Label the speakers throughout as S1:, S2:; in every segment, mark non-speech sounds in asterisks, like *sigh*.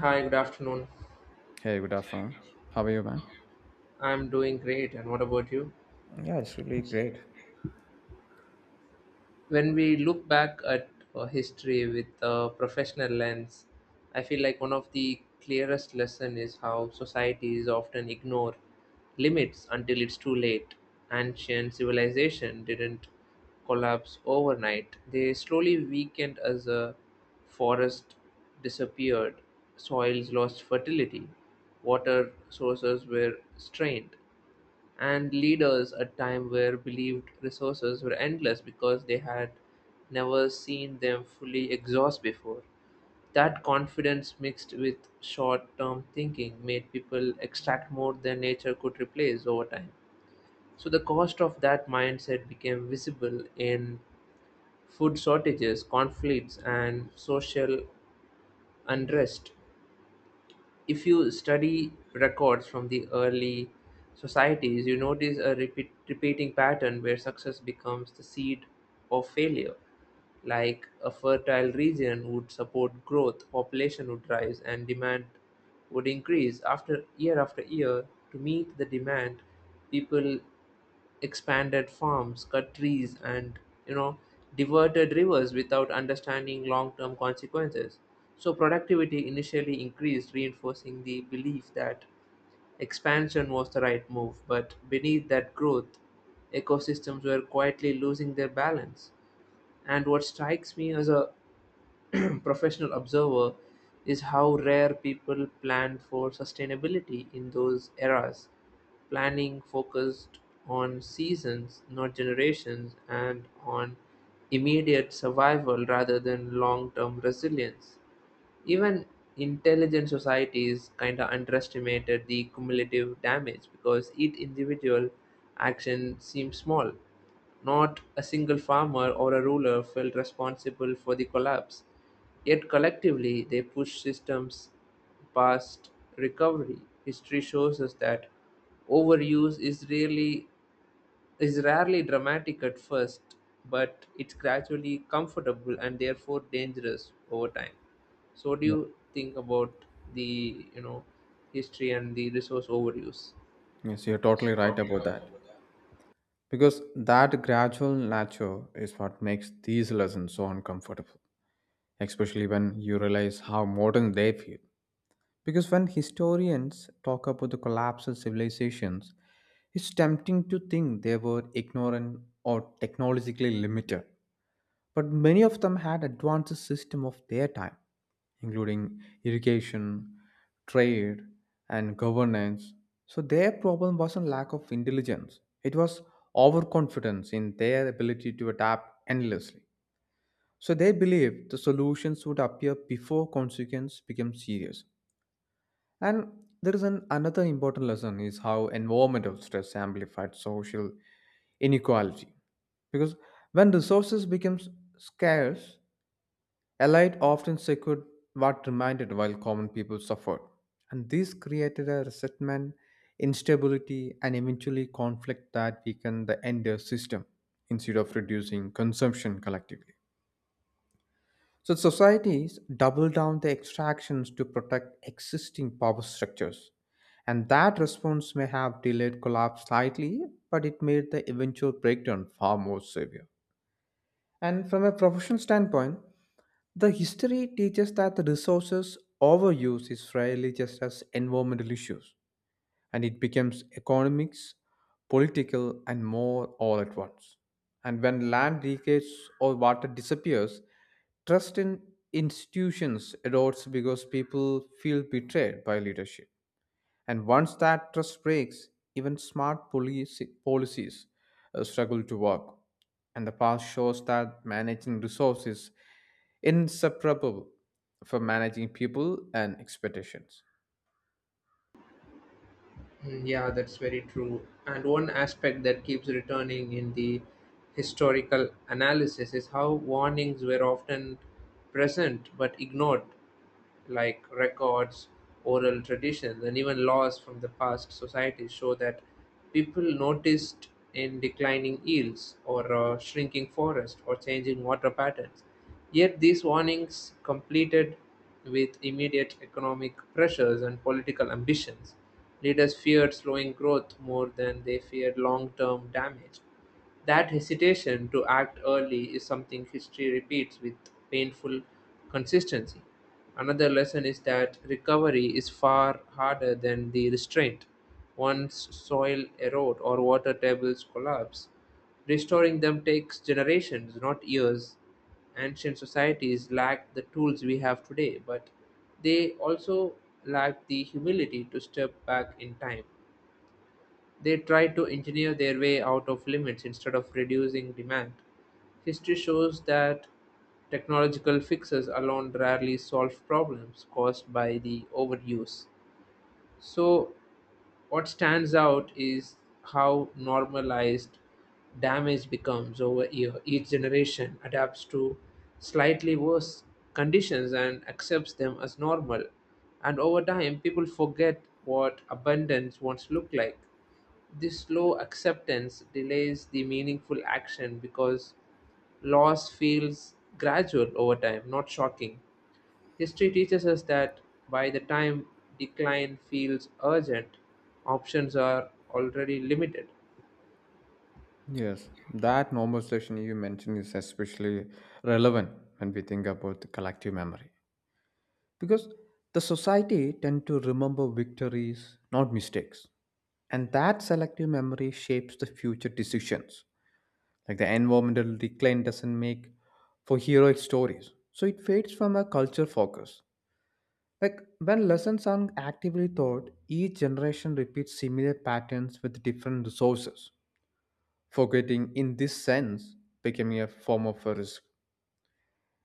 S1: Hi, good afternoon.
S2: Hey, good afternoon. How are you, man?
S1: I'm doing great, and what about you?
S2: Yeah, it's really great.
S1: When we look back at history with a professional lens, I feel like one of the clearest lesson is how societies often ignore limits until it's too late. Ancient civilization didn't collapse overnight. They slowly weakened as a forest disappeared, soils lost fertility, water sources were strained. And leaders at time where believed resources were endless because they had never seen them fully exhaust before. That confidence mixed with short term thinking made people extract more than nature could replace over time. So the cost of that mindset became visible in food shortages, conflicts, and social unrest if you study records from the early societies, you notice a repeating pattern where success becomes the seed of failure, like a fertile region would support growth, population would rise, and demand would increase after year to meet the demand. People expanded farms, cut trees, and you know diverted rivers without understanding long-term consequences. So productivity initially increased, reinforcing the belief that expansion was the right move. But beneath that growth, ecosystems were quietly losing their balance. And what strikes me as a *clears throat* professional observer is how rare people planned for sustainability in those eras. Planning focused on seasons, not generations, and on immediate survival rather than long term resilience, even intelligent societies kind of underestimated the cumulative damage because each individual action seemed small. Not a single farmer or a ruler felt responsible for the collapse. Yet collectively, they pushed systems past recovery. History shows us that overuse is rarely dramatic at first, but it's gradually comfortable and therefore dangerous over time. So, what do
S2: Yeah.
S1: you think about the history and the resource overuse?
S2: Yes, you're totally right about that. Because that gradual nature is what makes these lessons so uncomfortable, especially when you realize how modern they feel. Because when historians talk about the collapse of civilizations, it's tempting to think they were ignorant or technologically limited. But many of them had advanced system of their time, including irrigation, trade, and governance. So their problem wasn't lack of intelligence. It was overconfidence in their ability to adapt endlessly. So they believed the solutions would appear before consequence became serious. And there is an another important lesson is how environmental stress amplified social inequality. Because when resources become scarce, elite often secured what remained while common people suffered. And this created a resentment, instability, and eventually conflict that weakened the entire system instead of reducing consumption collectively. So societies double down the extractions to protect existing power structures. And that response may have delayed collapse slightly, but it made the eventual breakdown far more severe. And from a professional standpoint, the history teaches that the resources overuse is rarely just as environmental issues, and it becomes economics, political, and more all at once. And when land degrades or water disappears, trust in institutions erodes because people feel betrayed by leadership. And once that trust breaks, even smart policy, policies struggle to work. And the past shows that managing resources is inseparable from managing people and expectations.
S1: Mm, yeah, that's very true. And one aspect that keeps returning in the historical analysis is how warnings were often present but ignored. Like records, oral traditions, and even laws from the past societies show that people noticed in declining yields or shrinking forests or changing water patterns. Yet these warnings completed with immediate economic pressures and political ambitions. Leaders feared slowing growth more than they feared long term damage. That hesitation to act early is something history repeats with painful consistency. Another lesson is that recovery is far harder than the restraint. Once soil erode or water tables collapse, restoring them takes generations, not years. Ancient societies lacked the tools we have today, but they also lacked the humility to step back in time. They tried to engineer their way out of limits instead of reducing demand. History shows that technological fixes alone rarely solve problems caused by the overuse. So, what stands out is how normalized damage becomes over year. Each generation adapts to slightly worse conditions and accepts them as normal. And over time, people forget what abundance once looked like. This slow acceptance delays the meaningful action because loss feels gradual over time, not shocking. History teaches us that by the time decline feels urgent, options are already limited.
S2: Yes, that normalization you mentioned is especially relevant when we think about the collective memory, because the society tend to remember victories not mistakes, and that selective memory shapes the future decisions, like the environmental decline doesn't make for heroic stories so it fades from a culture focus, like when lessons aren't actively taught each generation repeats similar patterns with different resources. Forgetting in this sense becoming a form of a risk.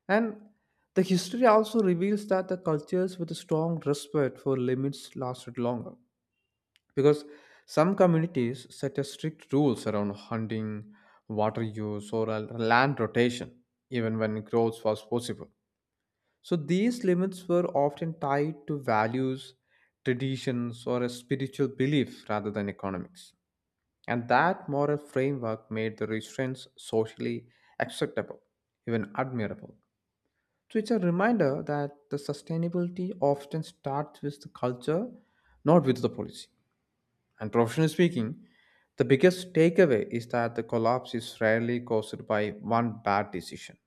S2: And the history also reveals that the cultures with a strong respect for limits lasted longer. Because some communities set a strict rules around hunting, water use, or a land rotation, even when growth was possible. So these limits were often tied to values, traditions, or a spiritual belief rather than economics. And that moral framework made the restraints socially acceptable, even admirable. So it's a reminder that the sustainability often starts with the culture, not with the policy. And professionally speaking, the biggest takeaway is that the collapse is rarely caused by one bad decision.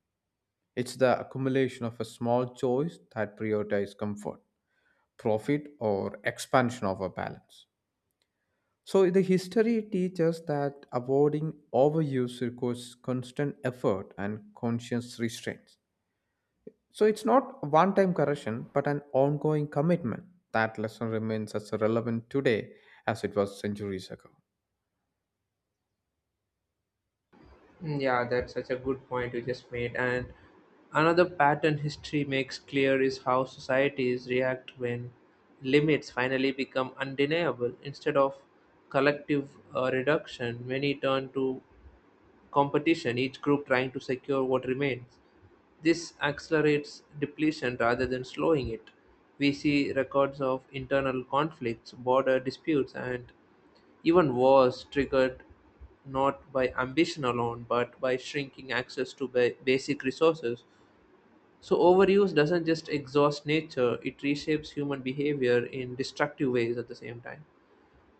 S2: It's the accumulation of a small choice that prioritizes comfort, profit, or expansion of a balance. So the history teaches that avoiding overuse requires constant effort and conscious restraints. So it's not one time correction, but an ongoing commitment. That lesson remains as relevant today as it was centuries ago.
S1: Mm, yeah, that's such a good point you just made. And another pattern history makes clear is how societies react when limits finally become undeniable. Instead of collective reduction, many turn to competition, each group trying to secure what remains. This accelerates depletion rather than slowing it. We see records of internal conflicts, border disputes, and even wars triggered not by ambition alone but by shrinking access to basic resources. So, overuse doesn't just exhaust nature, it reshapes human behavior in destructive ways at the same time.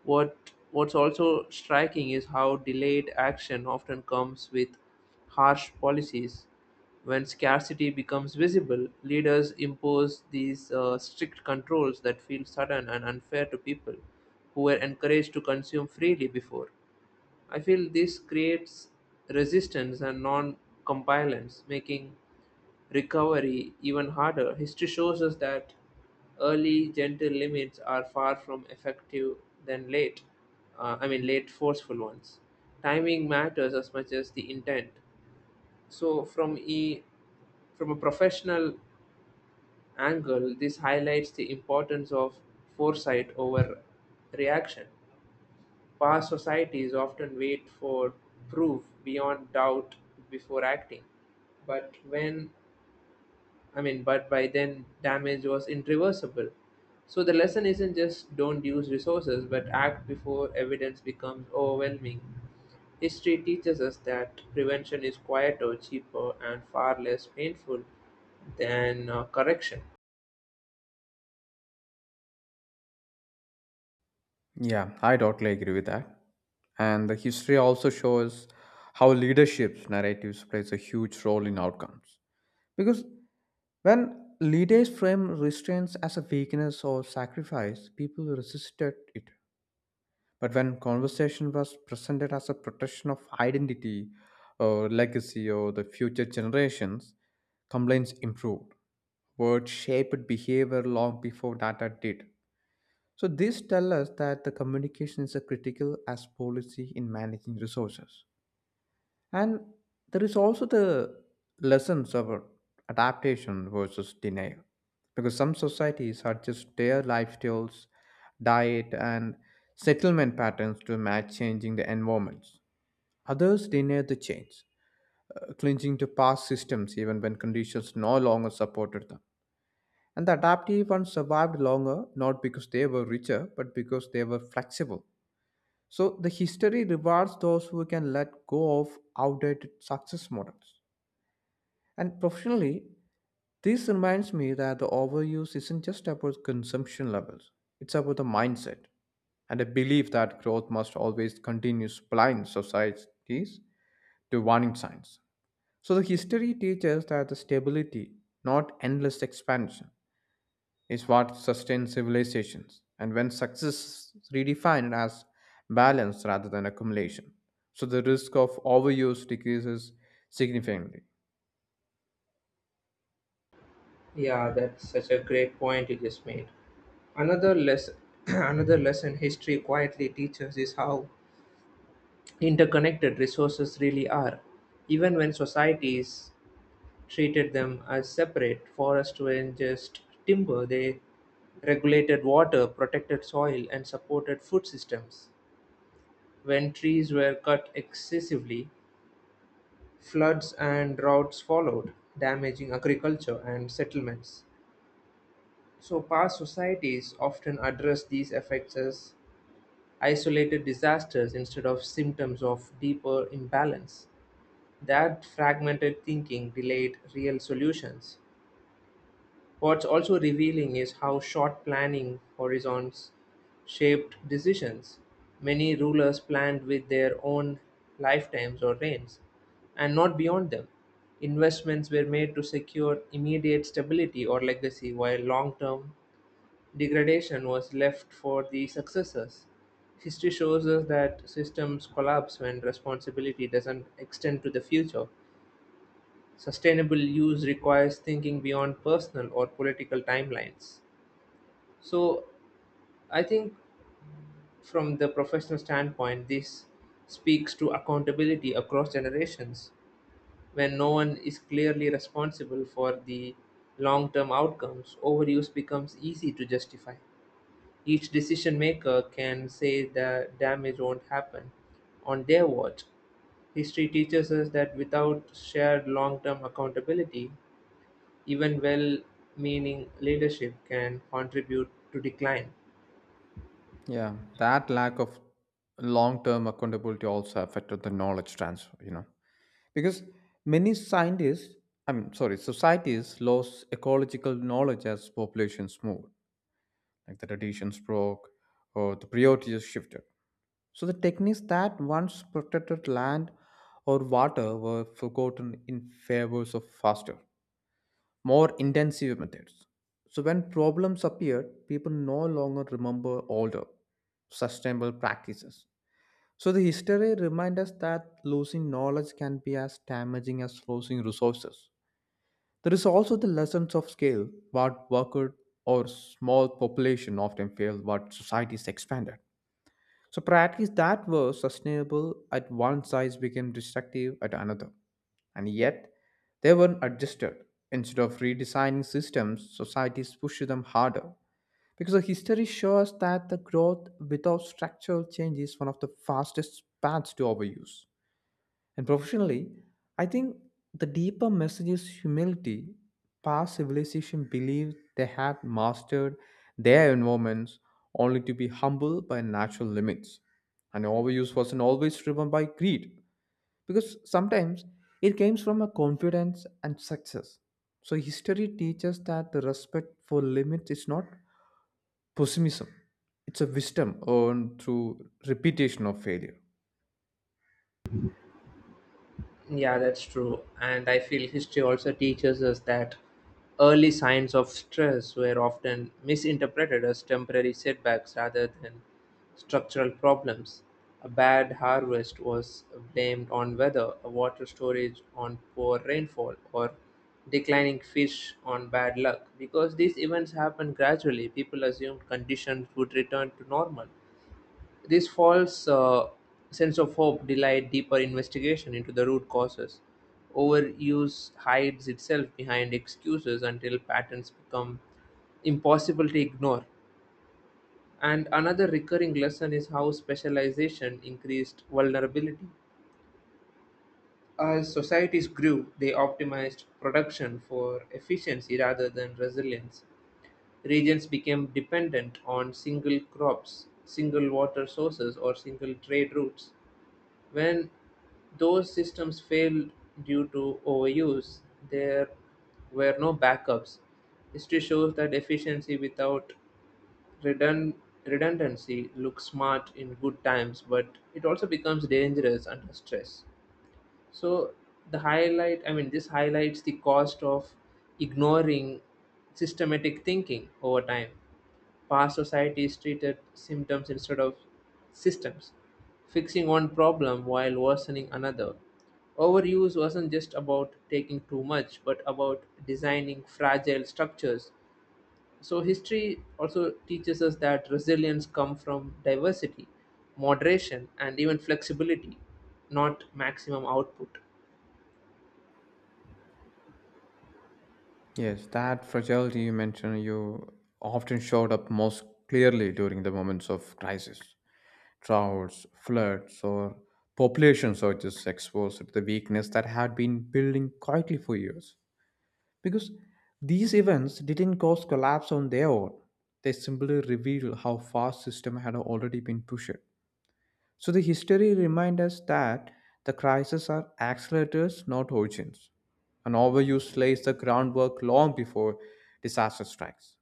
S1: What what's also striking is how delayed action often comes with harsh policies. When scarcity becomes visible, leaders impose these strict controls that feel sudden and unfair to people who were encouraged to consume freely before. I feel this creates resistance and non compliance, making recovery even harder. History shows us that early gentle limits are far from effective than late, late forceful ones. Timing matters as much as the intent. So, from a professional angle, this highlights the importance of foresight over reaction. Past societies often wait for proof beyond doubt before acting, but when I mean, but by then damage was irreversible. So the lesson isn't just don't use resources, but act before evidence becomes overwhelming. History teaches us that prevention is quieter, cheaper, and far less painful than correction.
S2: Yeah, I totally agree with that. And the history also shows how leadership's narratives plays a huge role in outcomes. Because when leaders frame restraints as a weakness or sacrifice, people resisted it. But when conversation was presented as a protection of identity or legacy or the future generations, complaints improved. Words shaped behavior long before data did. So this tells us that the communication is a critical as policy in managing resources. And there is also the lessons of adaptation versus denial. Because some societies adjust their lifestyles, diet, and settlement patterns to match changing the environments. Others deny the change, clinging to past systems even when conditions no longer supported them. And the adaptive ones survived longer not because they were richer, but because they were flexible. So the history rewards those who can let go of outdated success models. And professionally, this reminds me that the overuse isn't just about consumption levels, it's about the mindset and a belief that growth must always continue blind societies to warning signs. So the history teaches that the stability, not endless expansion, is what sustains civilizations. And when success is redefined as balance rather than accumulation, so the risk of overuse decreases significantly.
S1: Yeah, that's such a great point you just made. Another lesson, *clears throat* Another lesson history quietly teaches is how interconnected resources really are, even when societies treated them as separate. Forests were just timber, they regulated water, protected soil, and supported food systems. When trees were cut excessively, floods and droughts followed, damaging agriculture and settlements. So, past societies often address these effects as isolated disasters instead of symptoms of deeper imbalance. That fragmented thinking delayed real solutions. What's also revealing is how short planning horizons shaped decisions. Many rulers planned with their own lifetimes or reigns, and not beyond them. Investments were made to secure immediate stability or legacy, while long term degradation was left for the successors. History shows us that systems collapse when responsibility doesn't extend to the future. Sustainable use requires thinking beyond personal or political timelines. So I think from the professional standpoint, this speaks to accountability across generations. When no one is clearly responsible for the long term outcomes, overuse becomes easy to justify. Each decision maker can say the damage won't happen on their watch. History teaches us that without shared long term accountability, even well-meaning leadership can contribute to decline.
S2: Yeah, that lack of long-term accountability also affected the knowledge transfer, you know, because many scientists, I mean, sorry, societies lost ecological knowledge as populations moved, like the traditions broke or the priorities shifted. So the techniques that once protected land or water were forgotten in favors of faster, more intensive methods. So when problems appeared, people no longer remember older sustainable practices. So the history reminds us that losing knowledge can be as damaging as losing resources. There is also the lessons of scale, what worked or small population often failed, what societies expanded. So practice that were sustainable at one size became destructive at another. And yet, they weren't adjusted. Instead of redesigning systems, societies pushed them harder. Because the history shows that the growth without structural change is one of the fastest paths to overuse. And professionally, I think the deeper message is humility. Past civilization believed they had mastered their environments only to be humbled by natural limits. And overuse wasn't always driven by greed, because sometimes it came from a confidence and success. So history teaches that the respect for limits is not pessimism. It's a wisdom earned through repetition of failure.
S1: Yeah, that's true. And I feel history also teaches us that early signs of stress were often misinterpreted as temporary setbacks rather than structural problems. A bad harvest was blamed on weather, a water storage on poor rainfall, or declining fish on bad luck. Because these events happened gradually, people assumed conditions would return to normal. This false sense of hope delayed deeper investigation into the root causes. Overuse hides itself behind excuses until patterns become impossible to ignore. And another recurring lesson is how specialization increased vulnerability. As societies grew, they optimized production for efficiency rather than resilience. Regions became dependent on single crops, single water sources, or single trade routes. When those systems failed due to overuse, there were no backups. History shows that efficiency without redund- redundancy looks smart in good times, but it also becomes dangerous under stress. So the highlight, I mean, this highlights the cost of ignoring systematic thinking over time. Past societies treated symptoms instead of systems, fixing one problem while worsening another. Overuse wasn't just about taking too much, but about designing fragile structures. So history also teaches us that resilience comes from diversity, moderation, and even flexibility, not maximum output.
S2: Yes, that fragility you mentioned, you often showed up most clearly during the moments of crisis. Droughts, floods, or population surges exposed the weakness that had been building quietly for years. Because these events didn't cause collapse on their own, they simply reveal how far system had already been pushed. So the history reminds us that the crises are accelerators, not origins. An overuse lays the groundwork long before disaster strikes.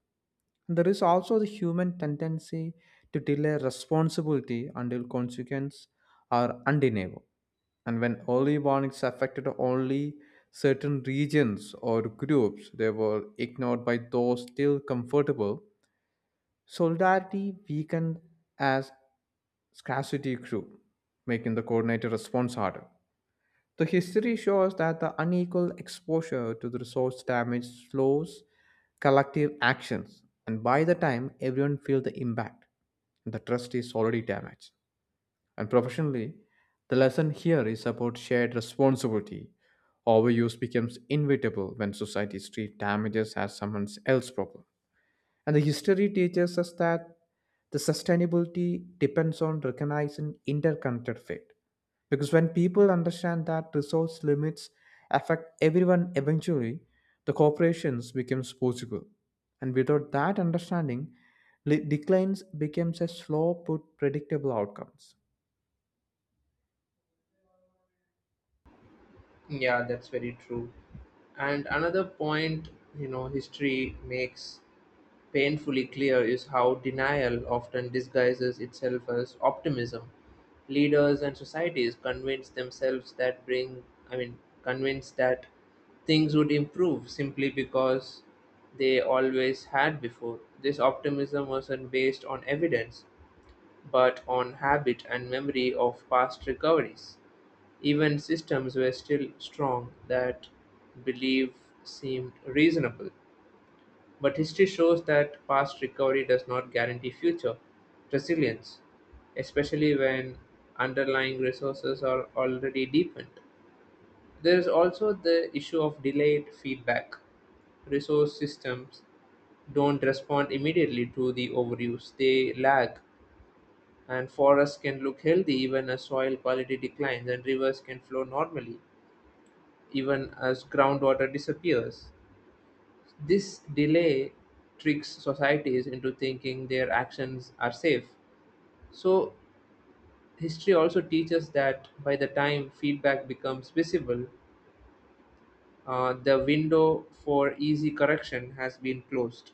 S2: There is also the human tendency to delay responsibility until consequences are undeniable. And when early warnings affected only certain regions or groups, they were ignored by those still comfortable. Solidarity weakened as scarcity grew, making the coordinated response harder. The history shows that the unequal exposure to the resource damage slows collective actions, and by the time everyone feels the impact, the trust is already damaged. And professionally, the lesson here is about shared responsibility. Overuse becomes inevitable when societies treat damages as someone else's problem. And the history teaches us that the sustainability depends on recognizing interconnected fate. Because when people understand that resource limits affect everyone eventually, the corporations becomes possible. And without that understanding, declines becomes a slow but predictable outcomes.
S1: Yeah, that's very true. And another point, you know, history makes painfully clear is how denial often disguises itself as optimism. Leaders and societies convince themselves that bring, I mean, convince that things would improve simply because they always had before. This optimism wasn't based on evidence, but on habit and memory of past recoveries. Even systems were still strong that belief seemed reasonable. But history shows that past recovery does not guarantee future resilience, especially when underlying resources are already deepened. There is also the issue of delayed feedback. Resource systems don't respond immediately to the overuse, they lag, and forests can look healthy even as soil quality declines, and rivers can flow normally even as groundwater disappears. This delay tricks societies into thinking their actions are safe. So, history also teaches that by the time feedback becomes visible, the window for easy correction has been closed.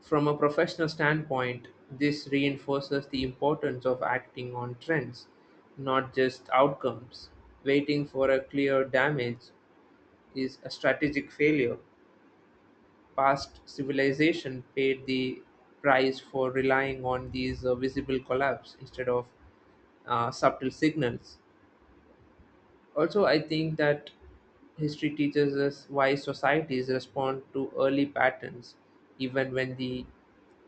S1: From a professional standpoint, this reinforces the importance of acting on trends, not just outcomes. Waiting for a clear damage is a strategic failure. Past civilization paid the price for relying on these visible collapse instead of subtle signals. Also, I think that history teaches us why societies respond to early patterns, even when the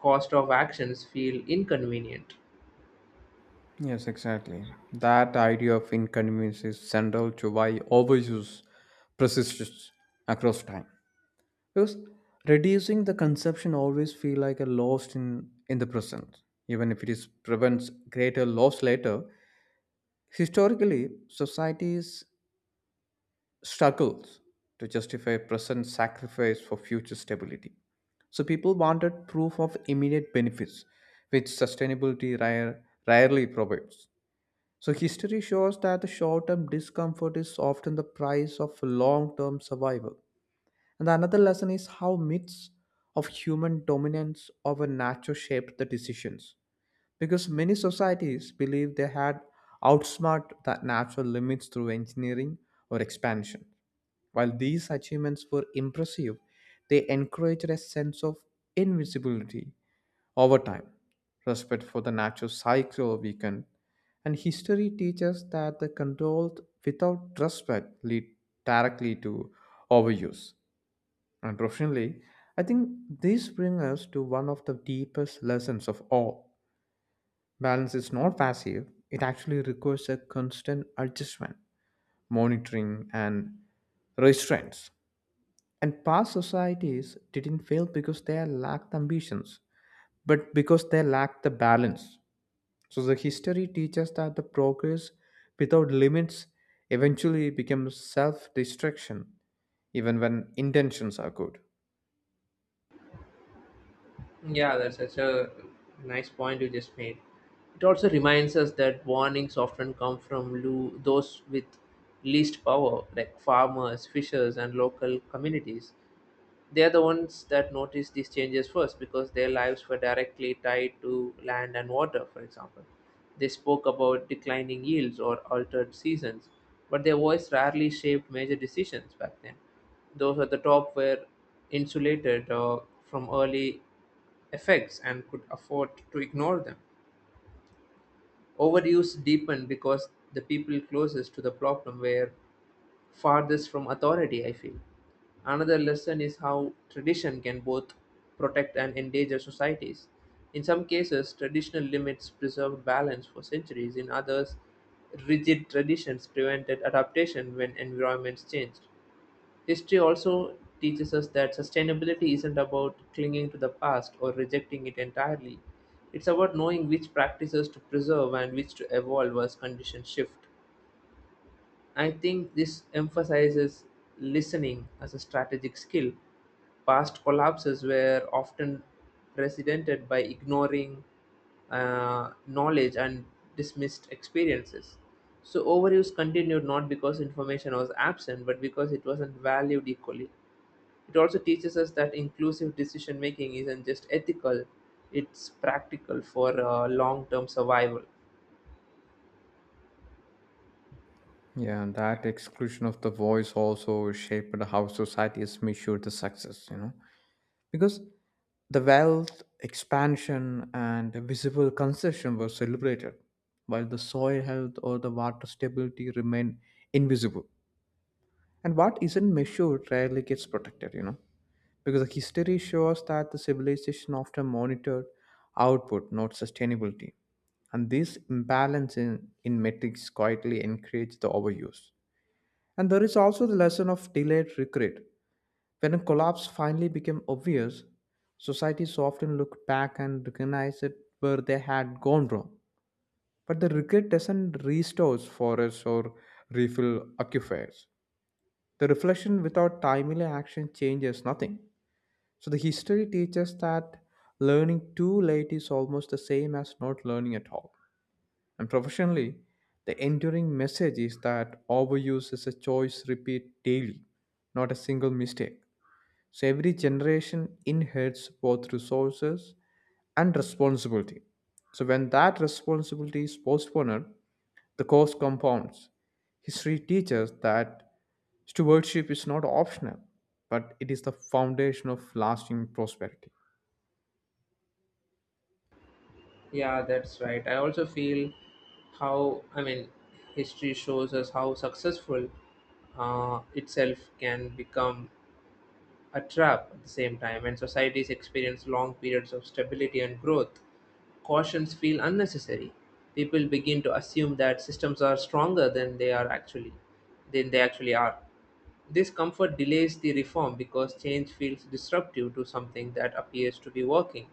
S1: cost of actions feel inconvenient.
S2: Yes, exactly. That idea of inconvenience is central to why overuse persists across time. Because reducing the consumption always feel like a loss in the present, even if it is prevents greater loss later. Historically, societies struggles to justify present sacrifice for future stability. So people wanted proof of immediate benefits, which sustainability rarely provides. So history shows that the short-term discomfort is often the price of long-term survival. And another lesson is how myths of human dominance over nature shaped the decisions. Because many societies believed they had outsmart the natural limits through engineering or expansion. While these achievements were impressive, they encouraged a sense of invisibility over time. Respect for the natural cycle weakened, and history teaches that the controlled without respect lead directly to overuse. Unfortunately, I think this brings us to one of the deepest lessons of all. Balance is not passive, it actually requires a constant adjustment, monitoring, and restraints. And past societies didn't fail because they lacked ambitions, but because they lacked the balance. So the history teaches that the progress without limits eventually becomes self destruction, even when intentions are good.
S1: Yeah, that's such a nice point you just made. It also reminds us that warnings often come from those with least power, like farmers, fishers, and local communities. They're the ones that noticed these changes first because their lives were directly tied to land and water, for example. They spoke about declining yields or altered seasons, but their voice rarely shaped major decisions back then. Those at the top were insulated from early effects and could afford to ignore them. Overuse deepened because the people closest to the problem were farthest from authority, I feel. Another lesson is how tradition can both protect and endanger societies. In some cases, traditional limits preserved balance for centuries, in others, rigid traditions prevented adaptation when environments changed. History also teaches us that sustainability isn't about clinging to the past or rejecting it entirely. It's about knowing which practices to preserve and which to evolve as conditions shift. I think this emphasizes listening as a strategic skill. Past collapses were often precedented by ignoring knowledge and dismissed experiences. So overuse continued not because information was absent, but because it wasn't valued equally. It also teaches us that inclusive decision making isn't just ethical, it's practical for long term survival.
S2: Yeah, and that exclusion of the voice also shaped how societies measured the success, you know, because the wealth expansion and visible concession were celebrated, while the soil health or the water stability remained invisible. And what isn't measured rarely gets protected, you know, because the history shows that the civilization often monitored output, not sustainability. And this imbalance in metrics quietly encouraged the overuse. And there is also the lesson of delayed regret. When a collapse finally became obvious, societies often look back and recognize it where they had gone wrong. But the regret doesn't restore forests or refill aquifers. The reflection without timely action changes nothing. So the history teaches that learning too late is almost the same as not learning at all. And professionally, the enduring message is that overuse is a choice repeat daily, not a single mistake. So every generation inherits both resources and responsibility. So when that responsibility is postponed, the cost compounds. History teaches that stewardship is not optional, but it is the foundation of lasting prosperity.
S1: Yeah, that's right. I also feel how, I mean, history shows us how successful itself can become a trap at the same time, and societies experience long periods of stability and growth. Cautions feel unnecessary. People begin to assume that systems are stronger than than they actually are. This comfort delays the reform because change feels disruptive to something that appears to be working.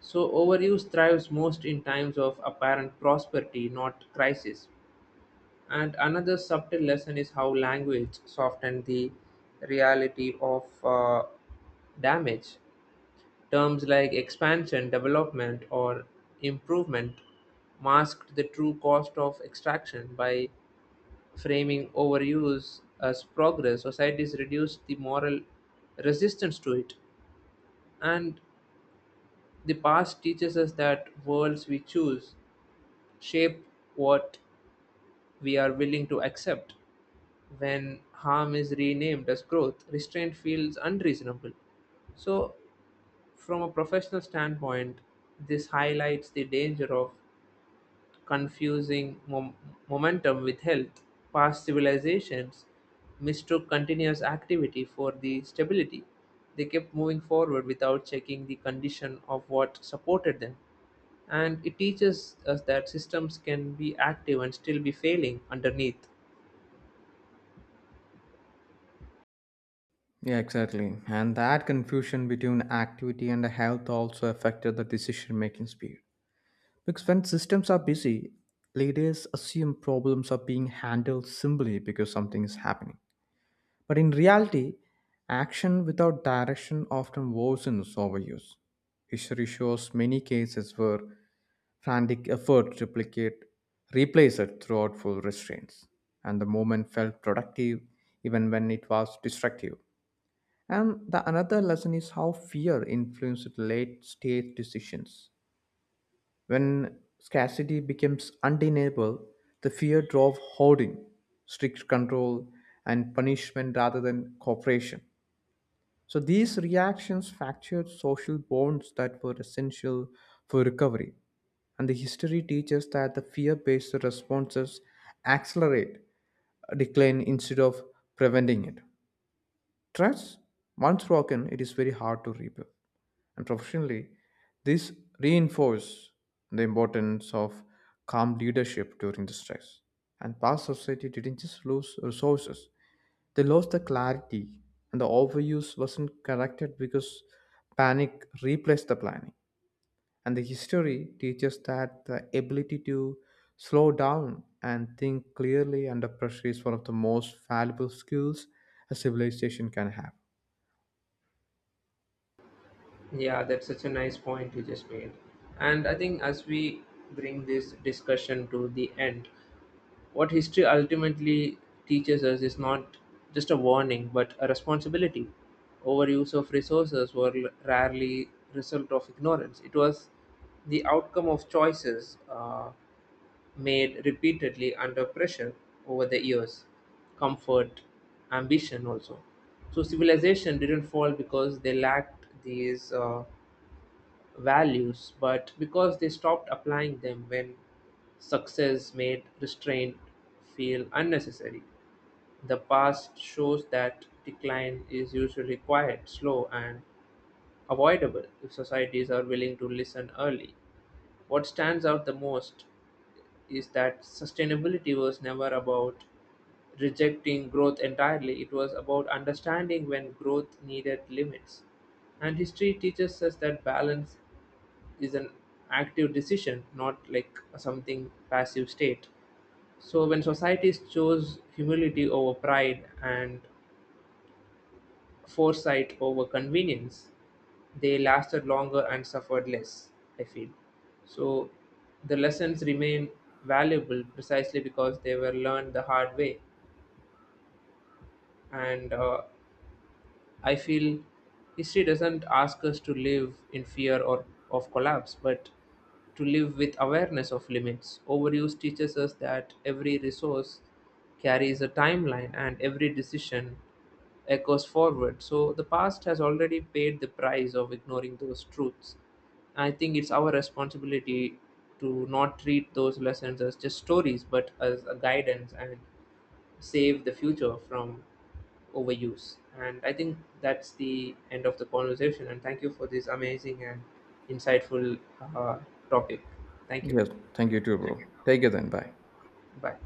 S1: So overuse thrives most in times of apparent prosperity, not crisis. And another subtle lesson is how language softens the reality of damage. Terms like expansion, development, or improvement masked the true cost of extraction by framing overuse as progress. Societies reduced the moral resistance to it. And The past teaches us that worlds we choose shape what we are willing to accept. When harm is renamed as growth, restraint feels unreasonable. So, from a professional standpoint, this highlights the danger of confusing momentum with health. Past civilizations mistook continuous activity for the stability. They kept moving forward without checking the condition of what supported them. And it teaches us that systems can be active and still be failing underneath.
S2: Yeah, exactly. And that confusion between activity and health also affected the decision making speed. Because when systems are busy, leaders assume problems are being handled simply because something is happening. But in reality, action without direction often worsens overuse. History shows many cases where frantic effort to replicate replace it throughout full restraints, and the moment felt productive even when it was destructive. And the another lesson is how fear influences late stage decisions when scarcity becomes undeniable, the fear drove hoarding, strict control, and punishment rather than cooperation. So these reactions fractured social bonds that were essential for recovery. And the history teaches that the fear based responses accelerate decline instead of preventing it. Trust, once broken, it is very hard to rebuild and professionally. This reinforces the importance of calm leadership during the stress. And past society didn't just lose resources, they lost the clarity, and the overuse wasn't corrected because panic replaced the planning. And the history teaches that the ability to slow down and think clearly under pressure is one of the most valuable skills a civilization can have.
S1: Yeah, that's such a nice point you just made. And I think as we bring this discussion to the end, what history ultimately teaches us is not just a warning but a responsibility. Overuse of resources were rarely result of ignorance. It was the outcome of choices. Made repeatedly under pressure over the years, comfort, ambition also. So civilization didn't fall because they lacked these values, but because they stopped applying them when success made restraint feel unnecessary. The past shows that decline is usually quiet, slow, and avoidable if societies are willing to listen early. What stands out the most is that sustainability was never about rejecting growth entirely, it was about understanding when growth needed limits. And history teaches us that balance is an active decision, not like something passive state. So when societies chose humility over pride and foresight over convenience, they lasted longer and suffered less, I feel. So the lessons remain valuable precisely because they were learned the hard way. And I feel history doesn't ask us to live in fear or of collapse, but to live with awareness of limits. Overuse teaches us that every resource carries a timeline and every decision echoes forward. So the past has already paid the price of ignoring those truths. I think it's our responsibility to not treat those lessons as just stories, but as a guidance and save the future from overuse. And I think that's the end of the conversation. And thank you for this amazing and insightful uh, topic. Thank you.
S2: Yes, thank you too, bro. Take it then. Bye.
S1: Bye.